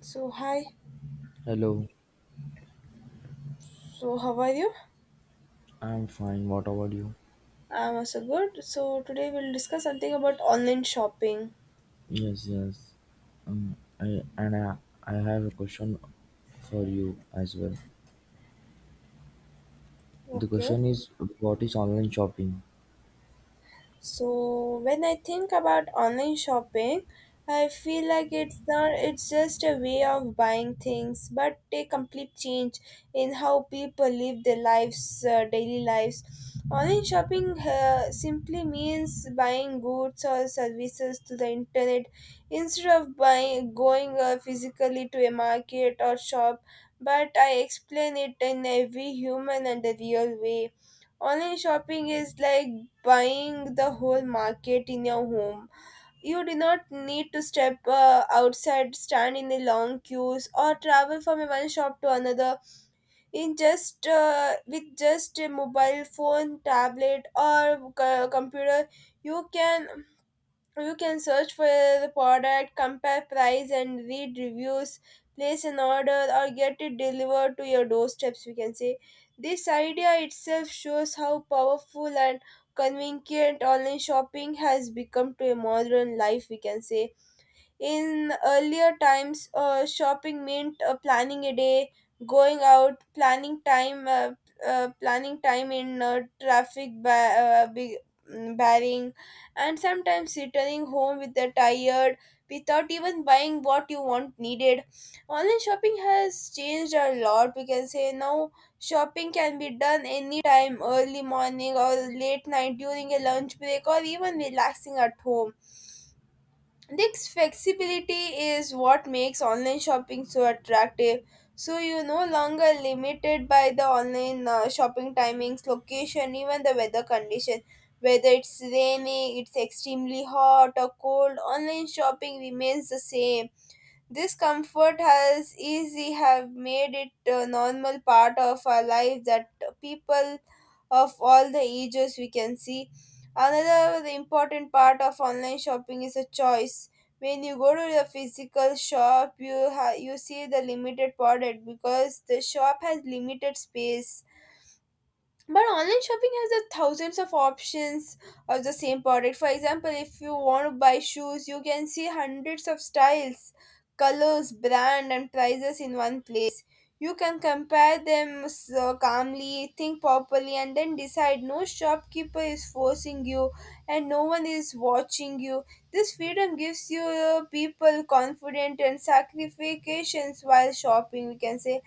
So hi. Hello, So how are you? I'm fine. What about you? I'm also good. So today we'll discuss something about online shopping. Yes, yes. Um, I and I, I have a question for you as well. The Okay. question is, what is online shopping? So when I think about online shopping, I feel like it's not it's just a way of buying things, but a complete change in how people live their lives, daily lives. Online shopping simply means buying goods or services through the internet instead of buying going physically to a market or shop. But I explain it in every human and the real way. Online shopping is like buying the whole market in your home. You do not need to step outside, stand in the long queues, or travel from one shop to another. In just with just a mobile phone, tablet, or computer, you can you can search for the product, compare price, and read reviews, place an order, or get it delivered to your doorsteps. We can say this idea itself shows how powerful and convenient online shopping has become to a modern life. We can say in earlier times, shopping meant planning a day, going out, planning time in traffic, barring, and sometimes returning home with a tired without even buying what you want needed. Online shopping has changed a lot. We can say now shopping can be done anytime, early morning or late night during a lunch break or even relaxing at home. This flexibility is what makes online shopping so attractive. So you're no longer limited by the online shopping timings, location, even the weather condition. Whether it's raining, it's extremely hot or cold, online shopping remains the same. This comfort has easy have made it a normal part of our life that people of all the ages we can see. Another important part of online shopping is a choice. When you go to the physical shop, you see the limited product because the shop has limited space, but online shopping has a thousands of options of the same product. For example, if you want to buy shoes, you can see hundreds of styles, colors, brand, and prices in one place. You can compare them so calmly, think properly, and then decide. No shopkeeper is forcing you, and no one is watching you. This freedom gives you people confident and sacrifices while shopping. We can say,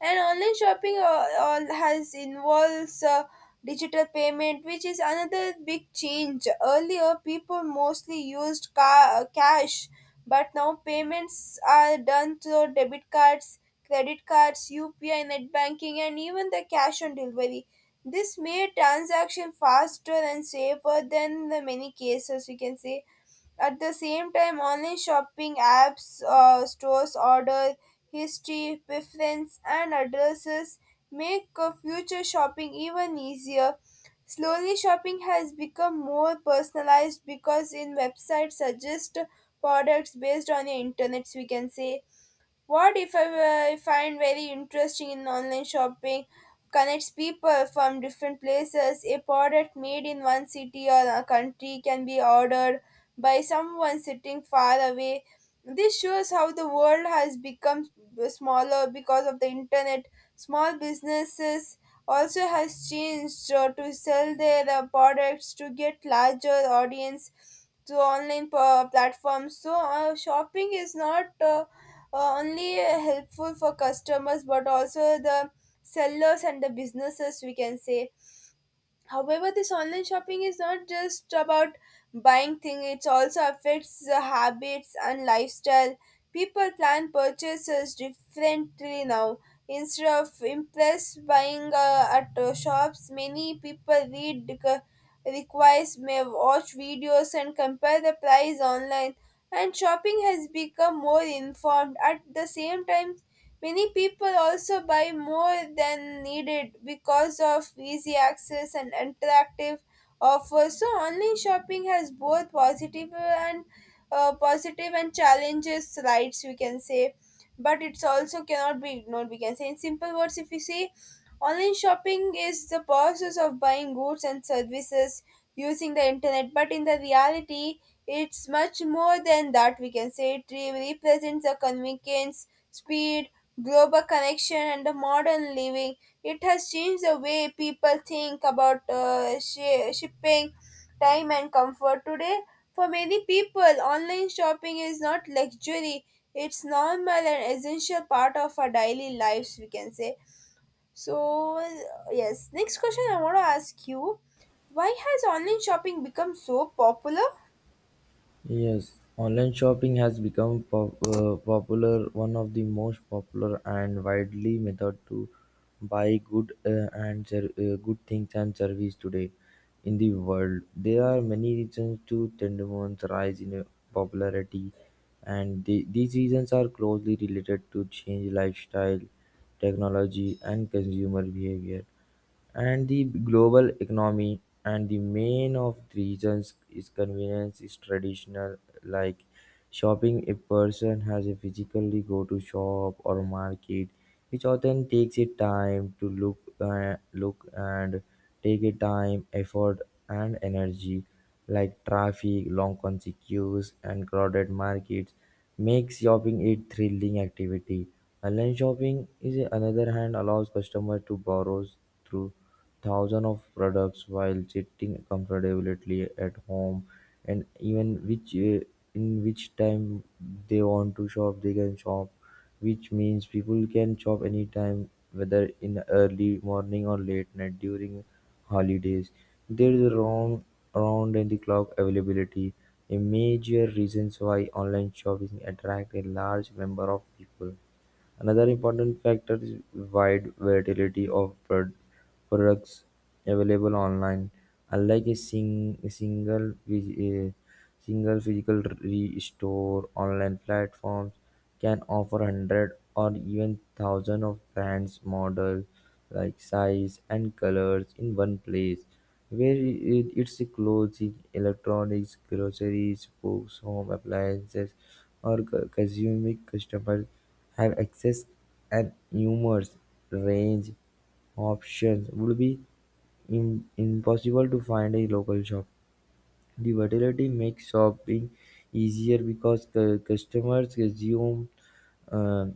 and online shopping all has involves digital payment, which is another big change. Earlier, people mostly used cash, but now payments are done through debit cards, credit cards, UPI, net banking, and even the cash on delivery. This made transaction faster and safer than the many cases we can say. At the same time, online shopping apps stores order history, preference, and addresses, make future shopping even easier. Slowly, shopping has become more personalized because in websites suggest products based on your internets, we can say. What if I find very interesting in online shopping connects people from different places. A product made in one city or a country can be ordered by someone sitting far away. This shows how the world has become smaller because of the internet. Small businesses also has changed to sell their products to get larger audience to online platforms. So shopping is not only helpful for customers but also the sellers and the businesses, we can say. However, this online shopping is not just about buying things, it also affects the habits and lifestyle. People plan purchases differently now. Instead of impulse buying at shops, many people requires may watch videos and compare the price online. And shopping has become more informed. At the same time, many people also buy more than needed because of easy access and attractive offers. So online shopping has both positive and challenges rights we can say, but it's also cannot be ignored. We can say in simple words, if you see, online shopping is the process of buying goods and services using the internet. But in the reality, it's much more than that. We can say represents the convenience, speed, global connection and the modern living. It has changed the way people think about shipping, time, and comfort. Today, for many people, online shopping is not luxury, it's normal and essential part of our daily lives, we can say. So, yes, next question I want to ask you, why has online shopping become so popular? Yes, online shopping has become popular, one of the most popular and widely method to buy good things and service today in the world. There are many reasons to Tendemon's rise in popularity, and these reasons are closely related to change lifestyle, technology, and consumer behavior and the global economy and the main of the regions is convenience is traditional like shopping. A person has to physically go to shop or market, which often takes a time to look and take a time, effort and energy. Like traffic, long conscious queues, and crowded markets makes shopping a thrilling activity. Online shopping is another hand allows customers to browse through thousands of products while sitting comfortably at home and even which in which time they want to shop they can shop, which means people can shop anytime, whether in early morning or late night during holidays. There is a round and the clock availability, a major reasons why online shopping attract a large number of people. Another important factor is wide variety of products available online. Unlike a a single physical store, online platforms can offer hundred or even thousand of brands, models, like size and colors in one place. Where its clothing, electronics, groceries, books, home appliances, or consuming customers have access and numerous range options would be impossible to find a local shop. The versatility makes shopping easier because customers consume uh,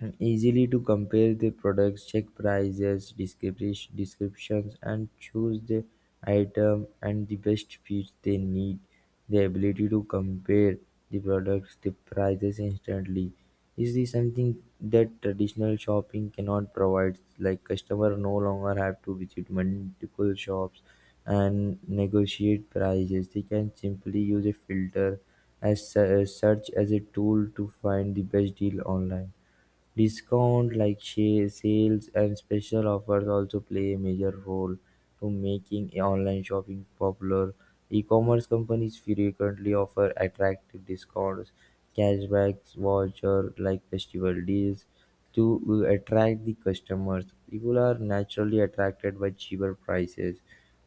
and easily to compare the products, check prices, descriptions, and choose the item and the best fit they need. The ability to compare the products, the prices instantly is this something that traditional shopping cannot provide. Like customer no longer have to visit multiple shops and negotiate prices. They can simply use a filter as search as a tool to find the best deal online. Discounts like sales and special offers also play a major role to making online shopping popular. E-commerce companies frequently offer attractive discounts, cashbacks, voucher like festival deals, to attract the customers. People are naturally attracted by cheaper prices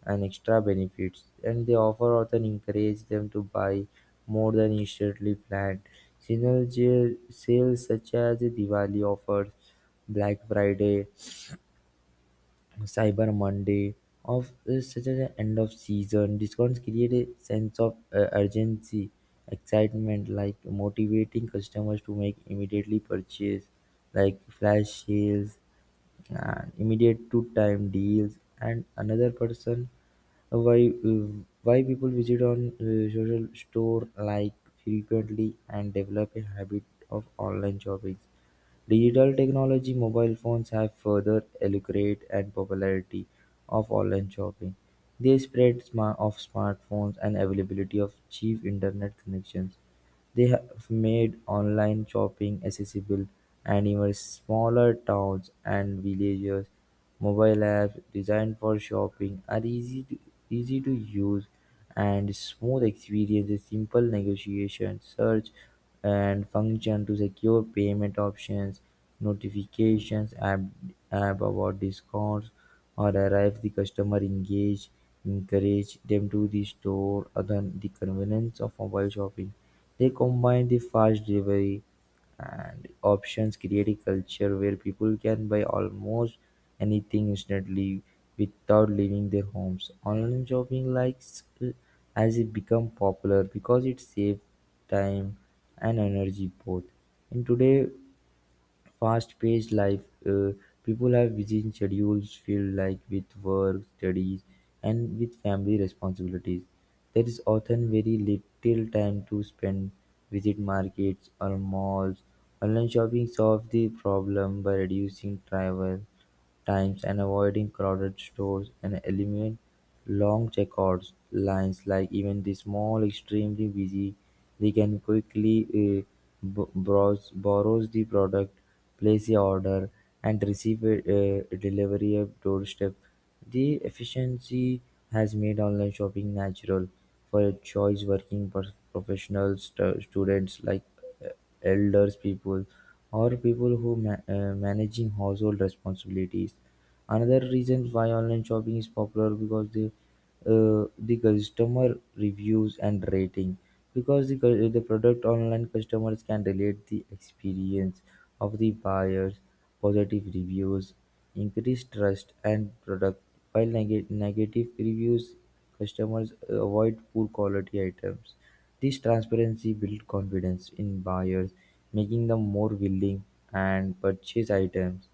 and extra benefits, and the offer often encourage them to buy more than initially planned. Seasonal sales such as the Diwali offers, Black Friday, Cyber Monday, of such as the end of season discounts create a sense of urgency, excitement, like motivating customers to make immediately purchase like flash sales and immediate two time deals and another person why why people visit on social store like frequently and develop a habit of online shopping. Digital technology mobile phones have further elucidate and popularity of online shopping. They spread of smartphones and availability of cheap internet connections, they have made online shopping accessible, and even smaller towns and villages. Mobile apps designed for shopping are easy to use and smooth experiences, simple negotiation, search and function to secure payment options, notifications, app about discounts or arrive the customer engage, encourage them to the store other the convenience of mobile shopping. They combine the fast delivery and options create a culture where people can buy almost anything instantly without leaving their homes. Online shopping likes has become popular because it saves time and energy both. In today fast-paced life. People have busy schedules filled like with work, studies, and with family responsibilities. There is often very little time to spend visit markets or malls. Online shopping solves the problem by reducing travel times and avoiding crowded stores and eliminate long checkered lines. Like even the small extremely busy, they can quickly browse borrows the product, place the order, and receive a delivery at doorstep. The efficiency has made online shopping natural for choice working professionals, students like uh, elders people, or people who managing household responsibilities. Another reason why online shopping is popular because the customer reviews and rating, because the, the product online customers can relate the experience of the buyers. Positive reviews increase trust and product while negative reviews customers avoid poor quality items. This transparency builds confidence in buyers, making them more willing and purchase items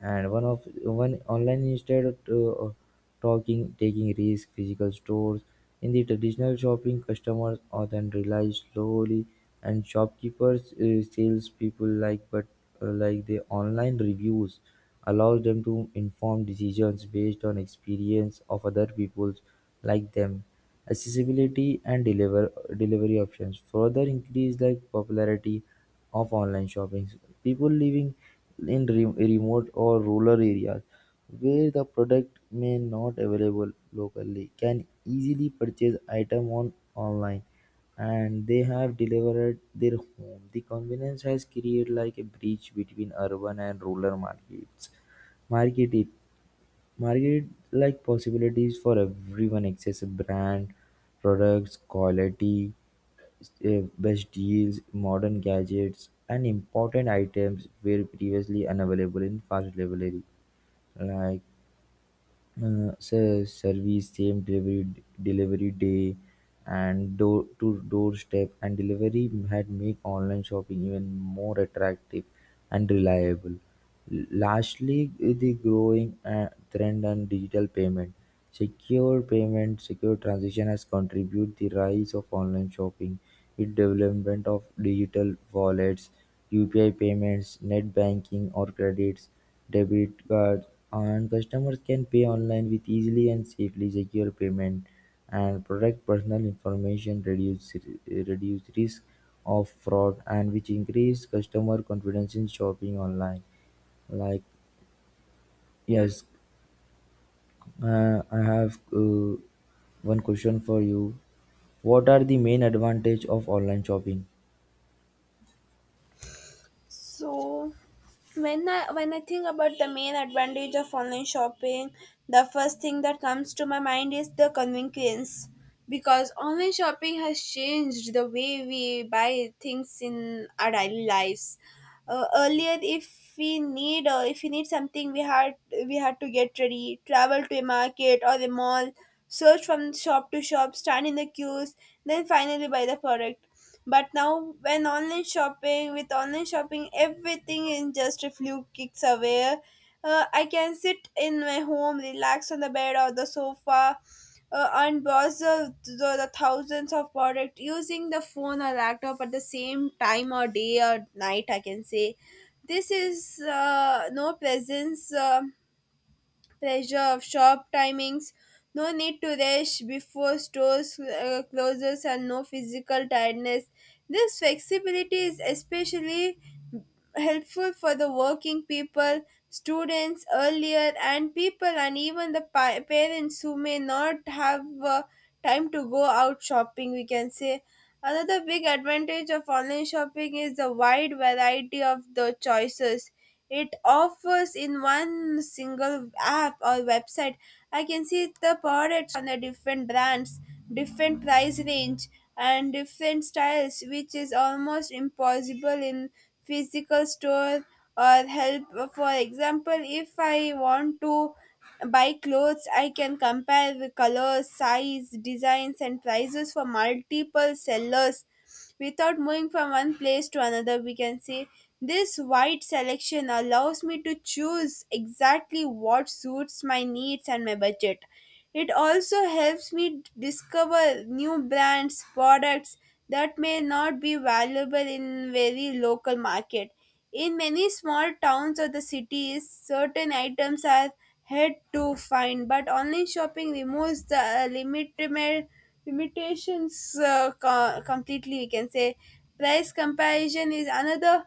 and one of one online newsletter too. Taking risks physical stores in the traditional shopping customers often rely slowly and shopkeepers salespeople like but like the online reviews allows them to inform decisions based on experience of other people like them. Accessibility and deliver delivery options further increase like popularity of online shopping. People living in remote or rural areas where the product may not available locally can easily purchase item on online and they have delivered their home. The convenience has created like a bridge between urban and rural markets. Market it market like possibilities for everyone access brand, products, quality, best deals, modern gadgets, and important items were previously unavailable in fast delivery. Like service same delivery day and door to doorstep and delivery had make online shopping even more attractive and reliable. Lastly the growing trend on digital payment, secure transaction has contributed the rise of online shopping with development of digital wallets, UPI payments, net banking or credits, debit cards, and customers can pay online with easily and safely secure payment and protect personal information, reduce risk of fraud and which increase customer confidence in shopping online like. Yes, I have one question for you. What are the main advantage of online shopping? So when I think about the main advantage of online shopping, the first thing that comes to my mind is the convenience. Because online shopping has changed the way we buy things in our daily lives. Earlier, if we need something, we had to get ready, travel to a market or a mall, search from shop to shop, stand in the queues, then finally buy the product. But now, when online shopping with online shopping, everything is just a few clicks away. I can sit in my home, relax on the bed or the sofa, and browse the thousands of products using the phone or laptop at the same time or day or night, I can say. This is no presence pressure of shop timings, no need to rush before stores closes, and no physical tiredness. This flexibility is especially helpful for the working people, students earlier, and people, and even the parents who may not have time to go out shopping, we can say. Another big advantage of online shopping is the wide variety of the choices it offers in one single app or website. I can see the products on the different brands, different price range, and different styles, which is almost impossible in physical store or help. For example, if I want to buy clothes, I can compare the colors, size, designs, and prices for multiple sellers without moving from one place to another, we can say. This wide selection allows me to choose exactly what suits my needs and my budget. It also helps me discover new brands products that may not be valuable in very local market. In many small towns or the cities, certain items are hard to find, but online shopping removes the limitations co- completely, we can say. Price comparison is another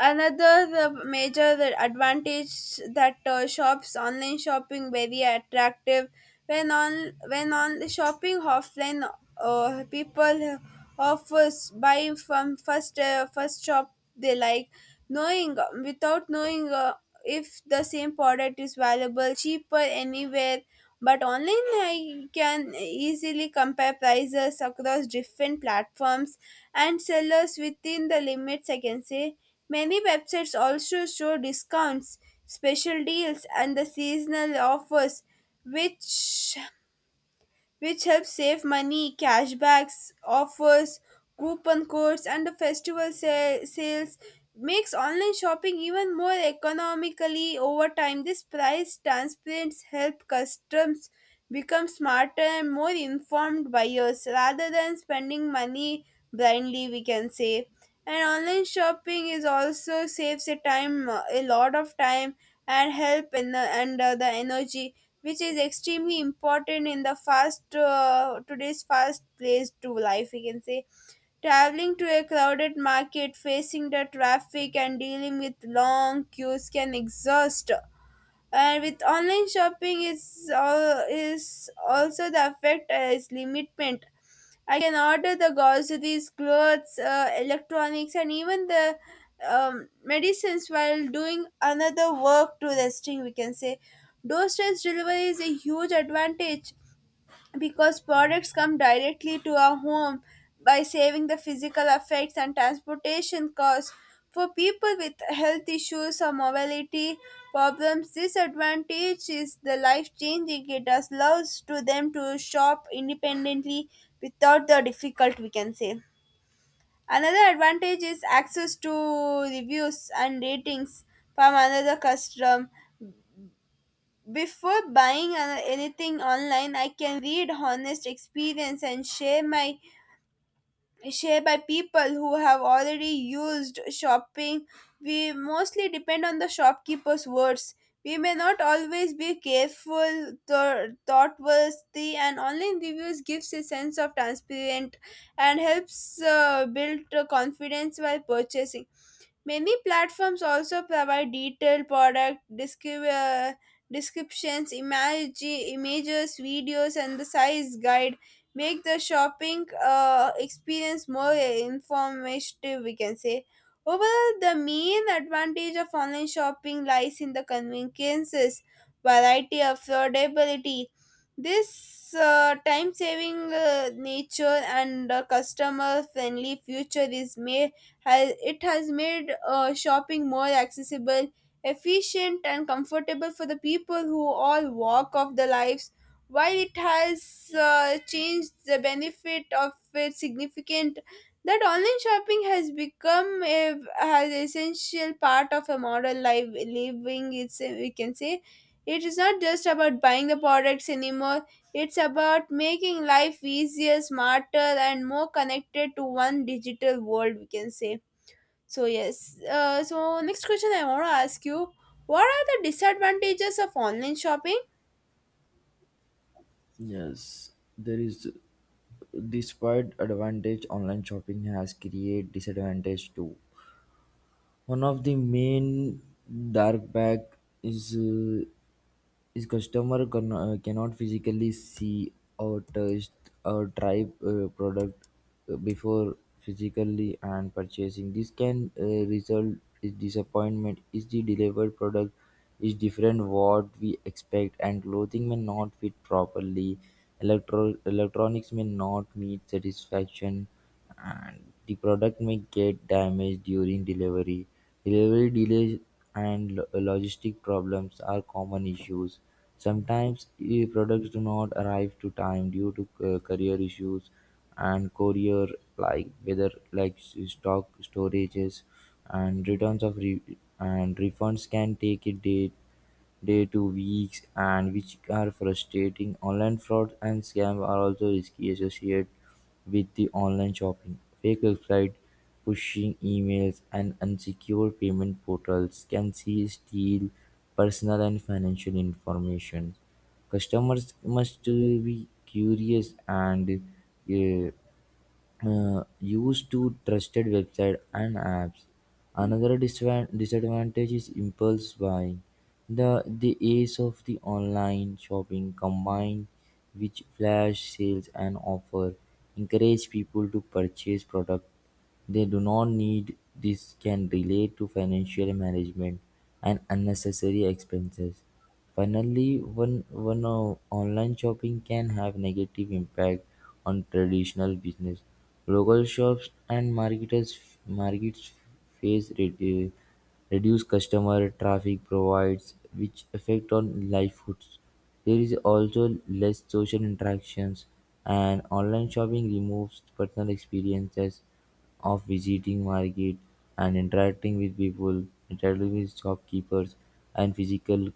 Another the major advantage that shops online shopping very attractive. When on the shopping offline, people offers buy from first shop they like, knowing without knowing if the same product is valuable cheaper anywhere. But online, I can easily compare prices across different platforms and sellers within the limits, I can say. Many websites also show discounts, special deals, and the seasonal offers, which which helps save money. Cashbacks, offers, coupon codes, and the festival sales makes online shopping even more economically over time. This price transparency help customers become smarter and more informed buyers rather than spending money blindly, we can say. And online shopping is also saves a time, a lot of time, and help in the and the energy, which is extremely important in the fast today's fast place to life, we can say. Traveling to a crowded market, facing the traffic, and dealing with long queues can exhaust, and with online shopping is all is also the effect is limitment. I can order the groceries, clothes, electronics, and even the medicines while doing another work to resting, we can say. Doorstep delivery is a huge advantage because products come directly to our home by saving the physical effects and transportation costs. For people with health issues or mobility problems, this advantage is the life changing. It allows to them to shop independently without the difficult, we can say. Another advantage is access to reviews and ratings from another customer. Before buying anything online, I can read honest experience and share my share by people who have already used shopping. We mostly depend on the shopkeeper's words. We may not always be careful, thoughtworthy, and online reviews gives a sense of transparent and helps build confidence while purchasing. Many platforms also provide detailed product descriptions, images, videos, and the size guide make the shopping experience more informative, we can say. Overall, the main advantage of online shopping lies in the conveniences, variety, affordability. This time saving nature and customer friendly future is made has it has made shopping more accessible, efficient, and comfortable for the people who all walk of the lives. While it has changed the benefit of it significant, that online shopping has become a has essential part of a modern life living. It's we can say it is not just about buying the products anymore. It's about making life easier, smarter, and more connected to one digital world, we can say. So yes, so next question I want to ask you, what are the disadvantages of online shopping? Yes, there is despite advantage online shopping has create disadvantage too. One of the main drawback is customer can, cannot physically see or taste or try product before physically and purchasing. This can result is disappointment. Is the delivered product is different what we expect and clothing may not fit properly. Electro electronics may not meet satisfaction and the product may get damaged during delivery. Delivery delays and logistic problems are common issues. Sometimes products do not arrive to time due to courier issues and courier like whether like stock storages and refunds can take a day to weeks and which are frustrating. Online fraud and scam are also risky associated with the online shopping, fake websites, pushing emails, and unsecure payment portals can see steal personal and financial information. Customers must be curious and uh, used to trusted website and apps. Another disadvantage is impulse buying. The age of the online shopping combined with flash sales and offer encourage people to purchase products they do not need. This can relate to financial management and unnecessary expenses. Finally, one online shopping can have negative impact on traditional business. Local shops and marketers markets face reduced customer traffic provides which affect on livelihoods. There is also less social interactions and online shopping removes personal experiences of visiting market and interacting with people, interacting with shopkeepers and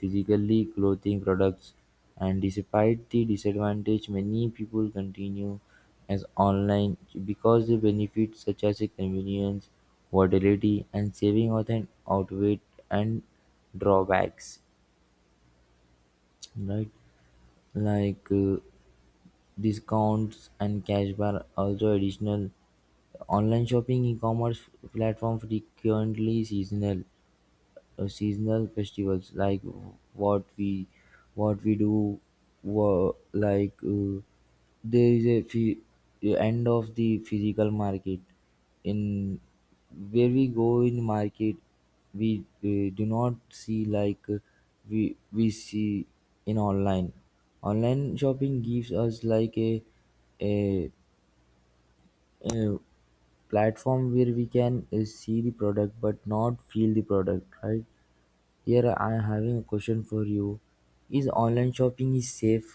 physically clothing products. And despite the disadvantage, many people continue as online because the benefits such as the convenience, volatility, and saving often outweigh and drawbacks. Right, like discounts and cashback are also additional. Online shopping e-commerce platforms frequently seasonal seasonal festivals like what we what we do were like there is a end of the physical market in where we go in market we do not see like we see in online. Online shopping gives us like a, a platform where we can see the product but not feel the product, right? Here I am having a question for you. Is online shopping is safe,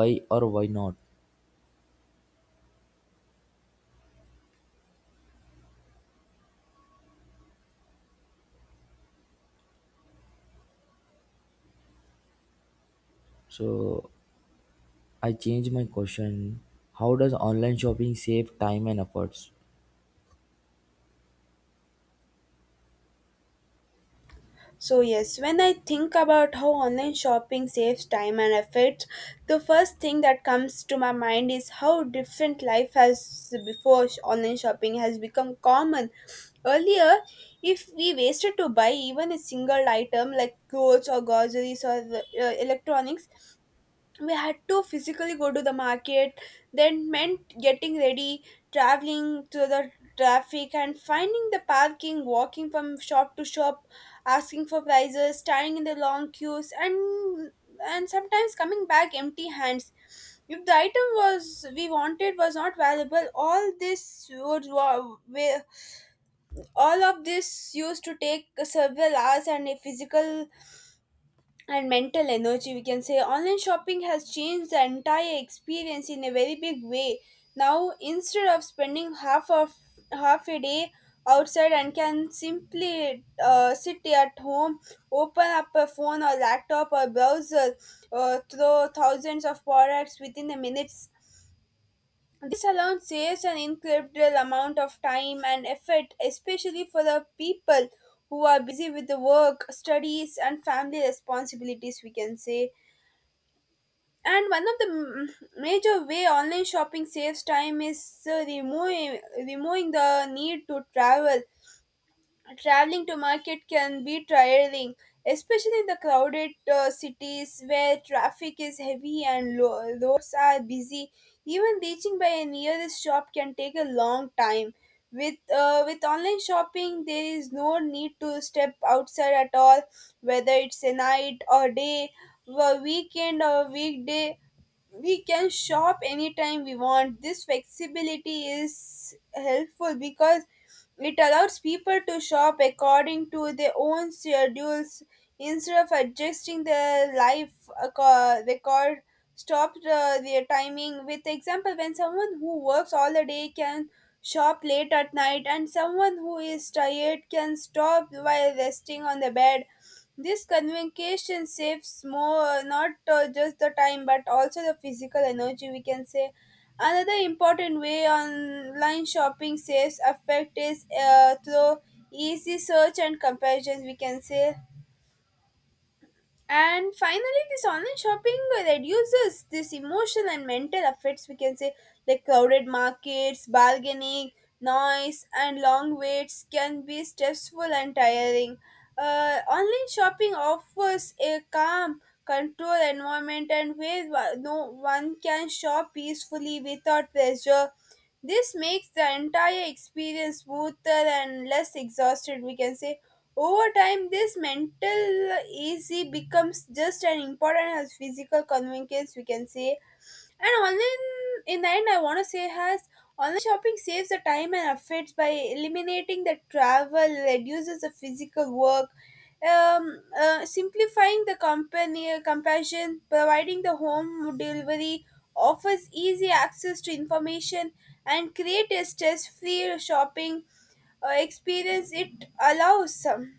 why or why not? So I change my question. How does online shopping save time and efforts? So yes, when I think about how online shopping saves time and effort, the first thing that comes to my mind is how different life has online shopping has become common. Earlier, if we wasted to buy even a single item like clothes or groceries or electronics, we had to physically go to the market, then meant getting ready, traveling through the traffic and finding the parking, walking from shop to shop, asking for prices, standing in the long queues, and sometimes coming back empty hands if the item was we wanted was not valuable. All this would wa- wa- all of this used to take several hours and a physical and mental energy, we can say. Online shopping has changed the entire experience in a very big way. Now, instead of spending half of half a day outside and can simply sit at home, open up a phone or laptop or browser, through thousands of products within the minutes. This alone saves an incredible amount of time and effort, especially for the people who are busy with the work, studies, and family responsibilities, we can say. And one of the major way online shopping saves time is removing the need to travel. Traveling to market can be tiring, especially in the crowded cities where traffic is heavy and roads are busy. Even reaching by a nearest shop can take a long time. With online shopping, there is no need to step outside at all, whether it's a night or day, a weekend or weekday, we can shop anytime we want. This flexibility is helpful because it allows people to shop according to their own schedules instead of adjusting their life record stop the, their timing. With example, when someone who works all the day can shop late at night and someone who is tired can stop while resting on the bed, this communication saves more, not just the time, but also the physical energy, we can say. Another important way online shopping saves effect is through easy search and comparison, we can say. And finally, this online shopping reduces this emotional and mental effects. We can say, like crowded markets, bargaining, noise, and long waits can be stressful and tiring. Online shopping offers a calm, controlled environment, and where no one can shop peacefully without pressure. This makes the entire experience smoother and less exhausted, we can say. Over time, this mental easy becomes just as important as physical convenience, we can say. And online, in the end, I want to say has online shopping saves the time and efforts by eliminating the travel, reduces the physical work, simplifying the company compassion, providing the home delivery, offers easy access to information, and create a stress-free shopping experience. It allows some.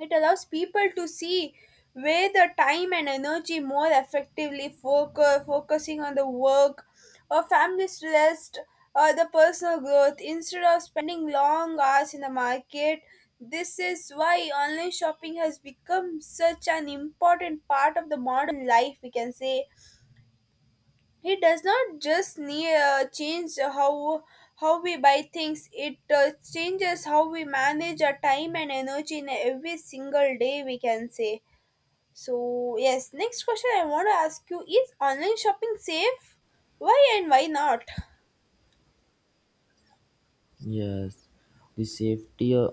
It allows people to see where the time and energy more effectively focus, focusing on the work or family stress or the personal growth instead of spending long hours in the market. This is why online shopping has become such an important part of the modern life, we can say. He does not just change how we buy things; it changes how we manage our time and energy in every single day. We can say so. Yes. Next question I want to ask you is: Online shopping safe? Why and why not? Yes, the safety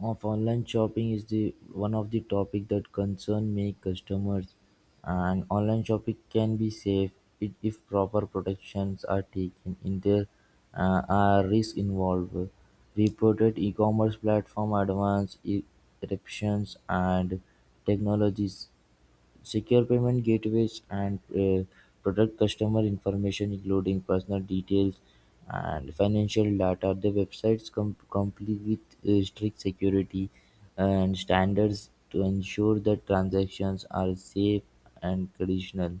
of online shopping is the one of the topic that concern many customers, and online shopping can be safe if proper protections are taken. In there are risks involved. Reported e-commerce platform advanced eruptions and technologies secure payment gateways, and protect customer information, including personal details and financial data. The websites comply with strict security and standards to ensure that transactions are safe and conditional.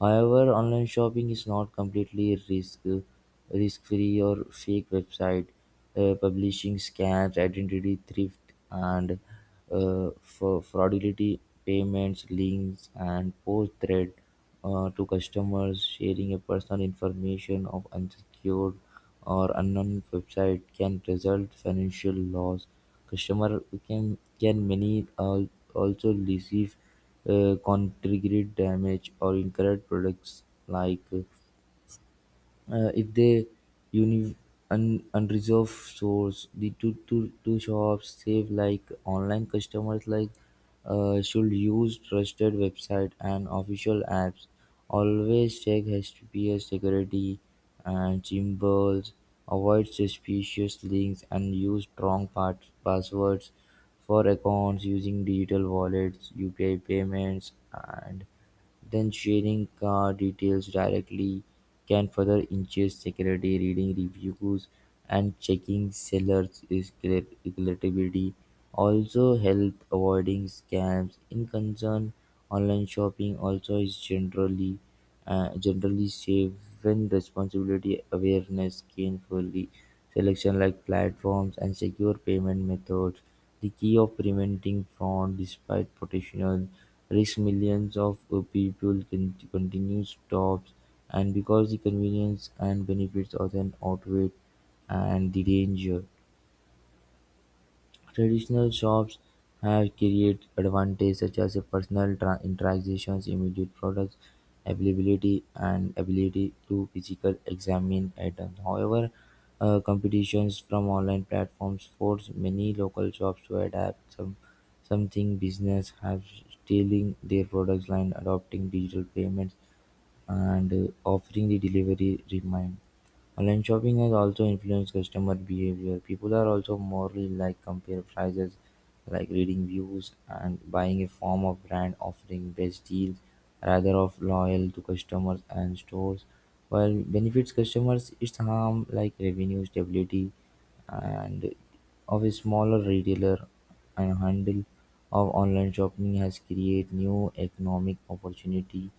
However, online shopping is not completely risk-free or fake website publishing scams, identity theft, and for fraudulent payments, links, and post threat to customers. Sharing a personal information of unsecured or unknown website can result financial loss. Customer can many also receive concrete damage or incorrect products like if they uni- unreserved stores the two shops save like online customers like should use trusted website and official apps, always check HTTPS security and symbols, avoid suspicious links and use strong passwords for accounts, using digital wallets, UPI payments and then sharing car details directly can further increase security. Reading reviews and checking sellers' reliability also help avoiding scams. In concern, online shopping also is generally generally save when responsibility awareness gainfully selection like platforms and secure payment methods the key of preventing fraud despite potential risk millions of people can continue stops and because the convenience and benefits often outweigh and the danger. Traditional shops have created advantages such as a personal interactions, immediate product availability, and ability to physically examine items. However, competitions from online platforms force many local shops to adapt. Some something business have stealing their products line, adopting digital payments and offering the delivery remind. Online shopping has also influenced customer behavior. People are also more like compare prices, like reading views and buying a form of brand offering best deals rather of loyal to customers and stores. While benefits customers, its harm like revenue stability and of a smaller retailer and handle of online shopping has created new economic opportunity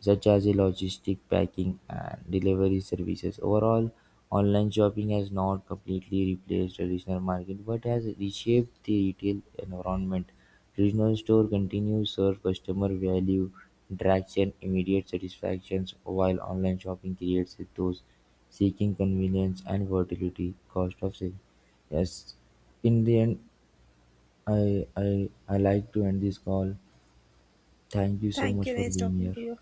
such as the logistic, packing, and delivery services. Overall, online shopping has not completely replaced traditional market but has reshaped the retail environment. Traditional store continues serve customer value, interaction, immediate satisfactions, while online shopping creates those seeking convenience and versatility. Cost of sale. Yes, in the end, I like to end this call. Thank you so Thank much you. for Nice being talking here. to you.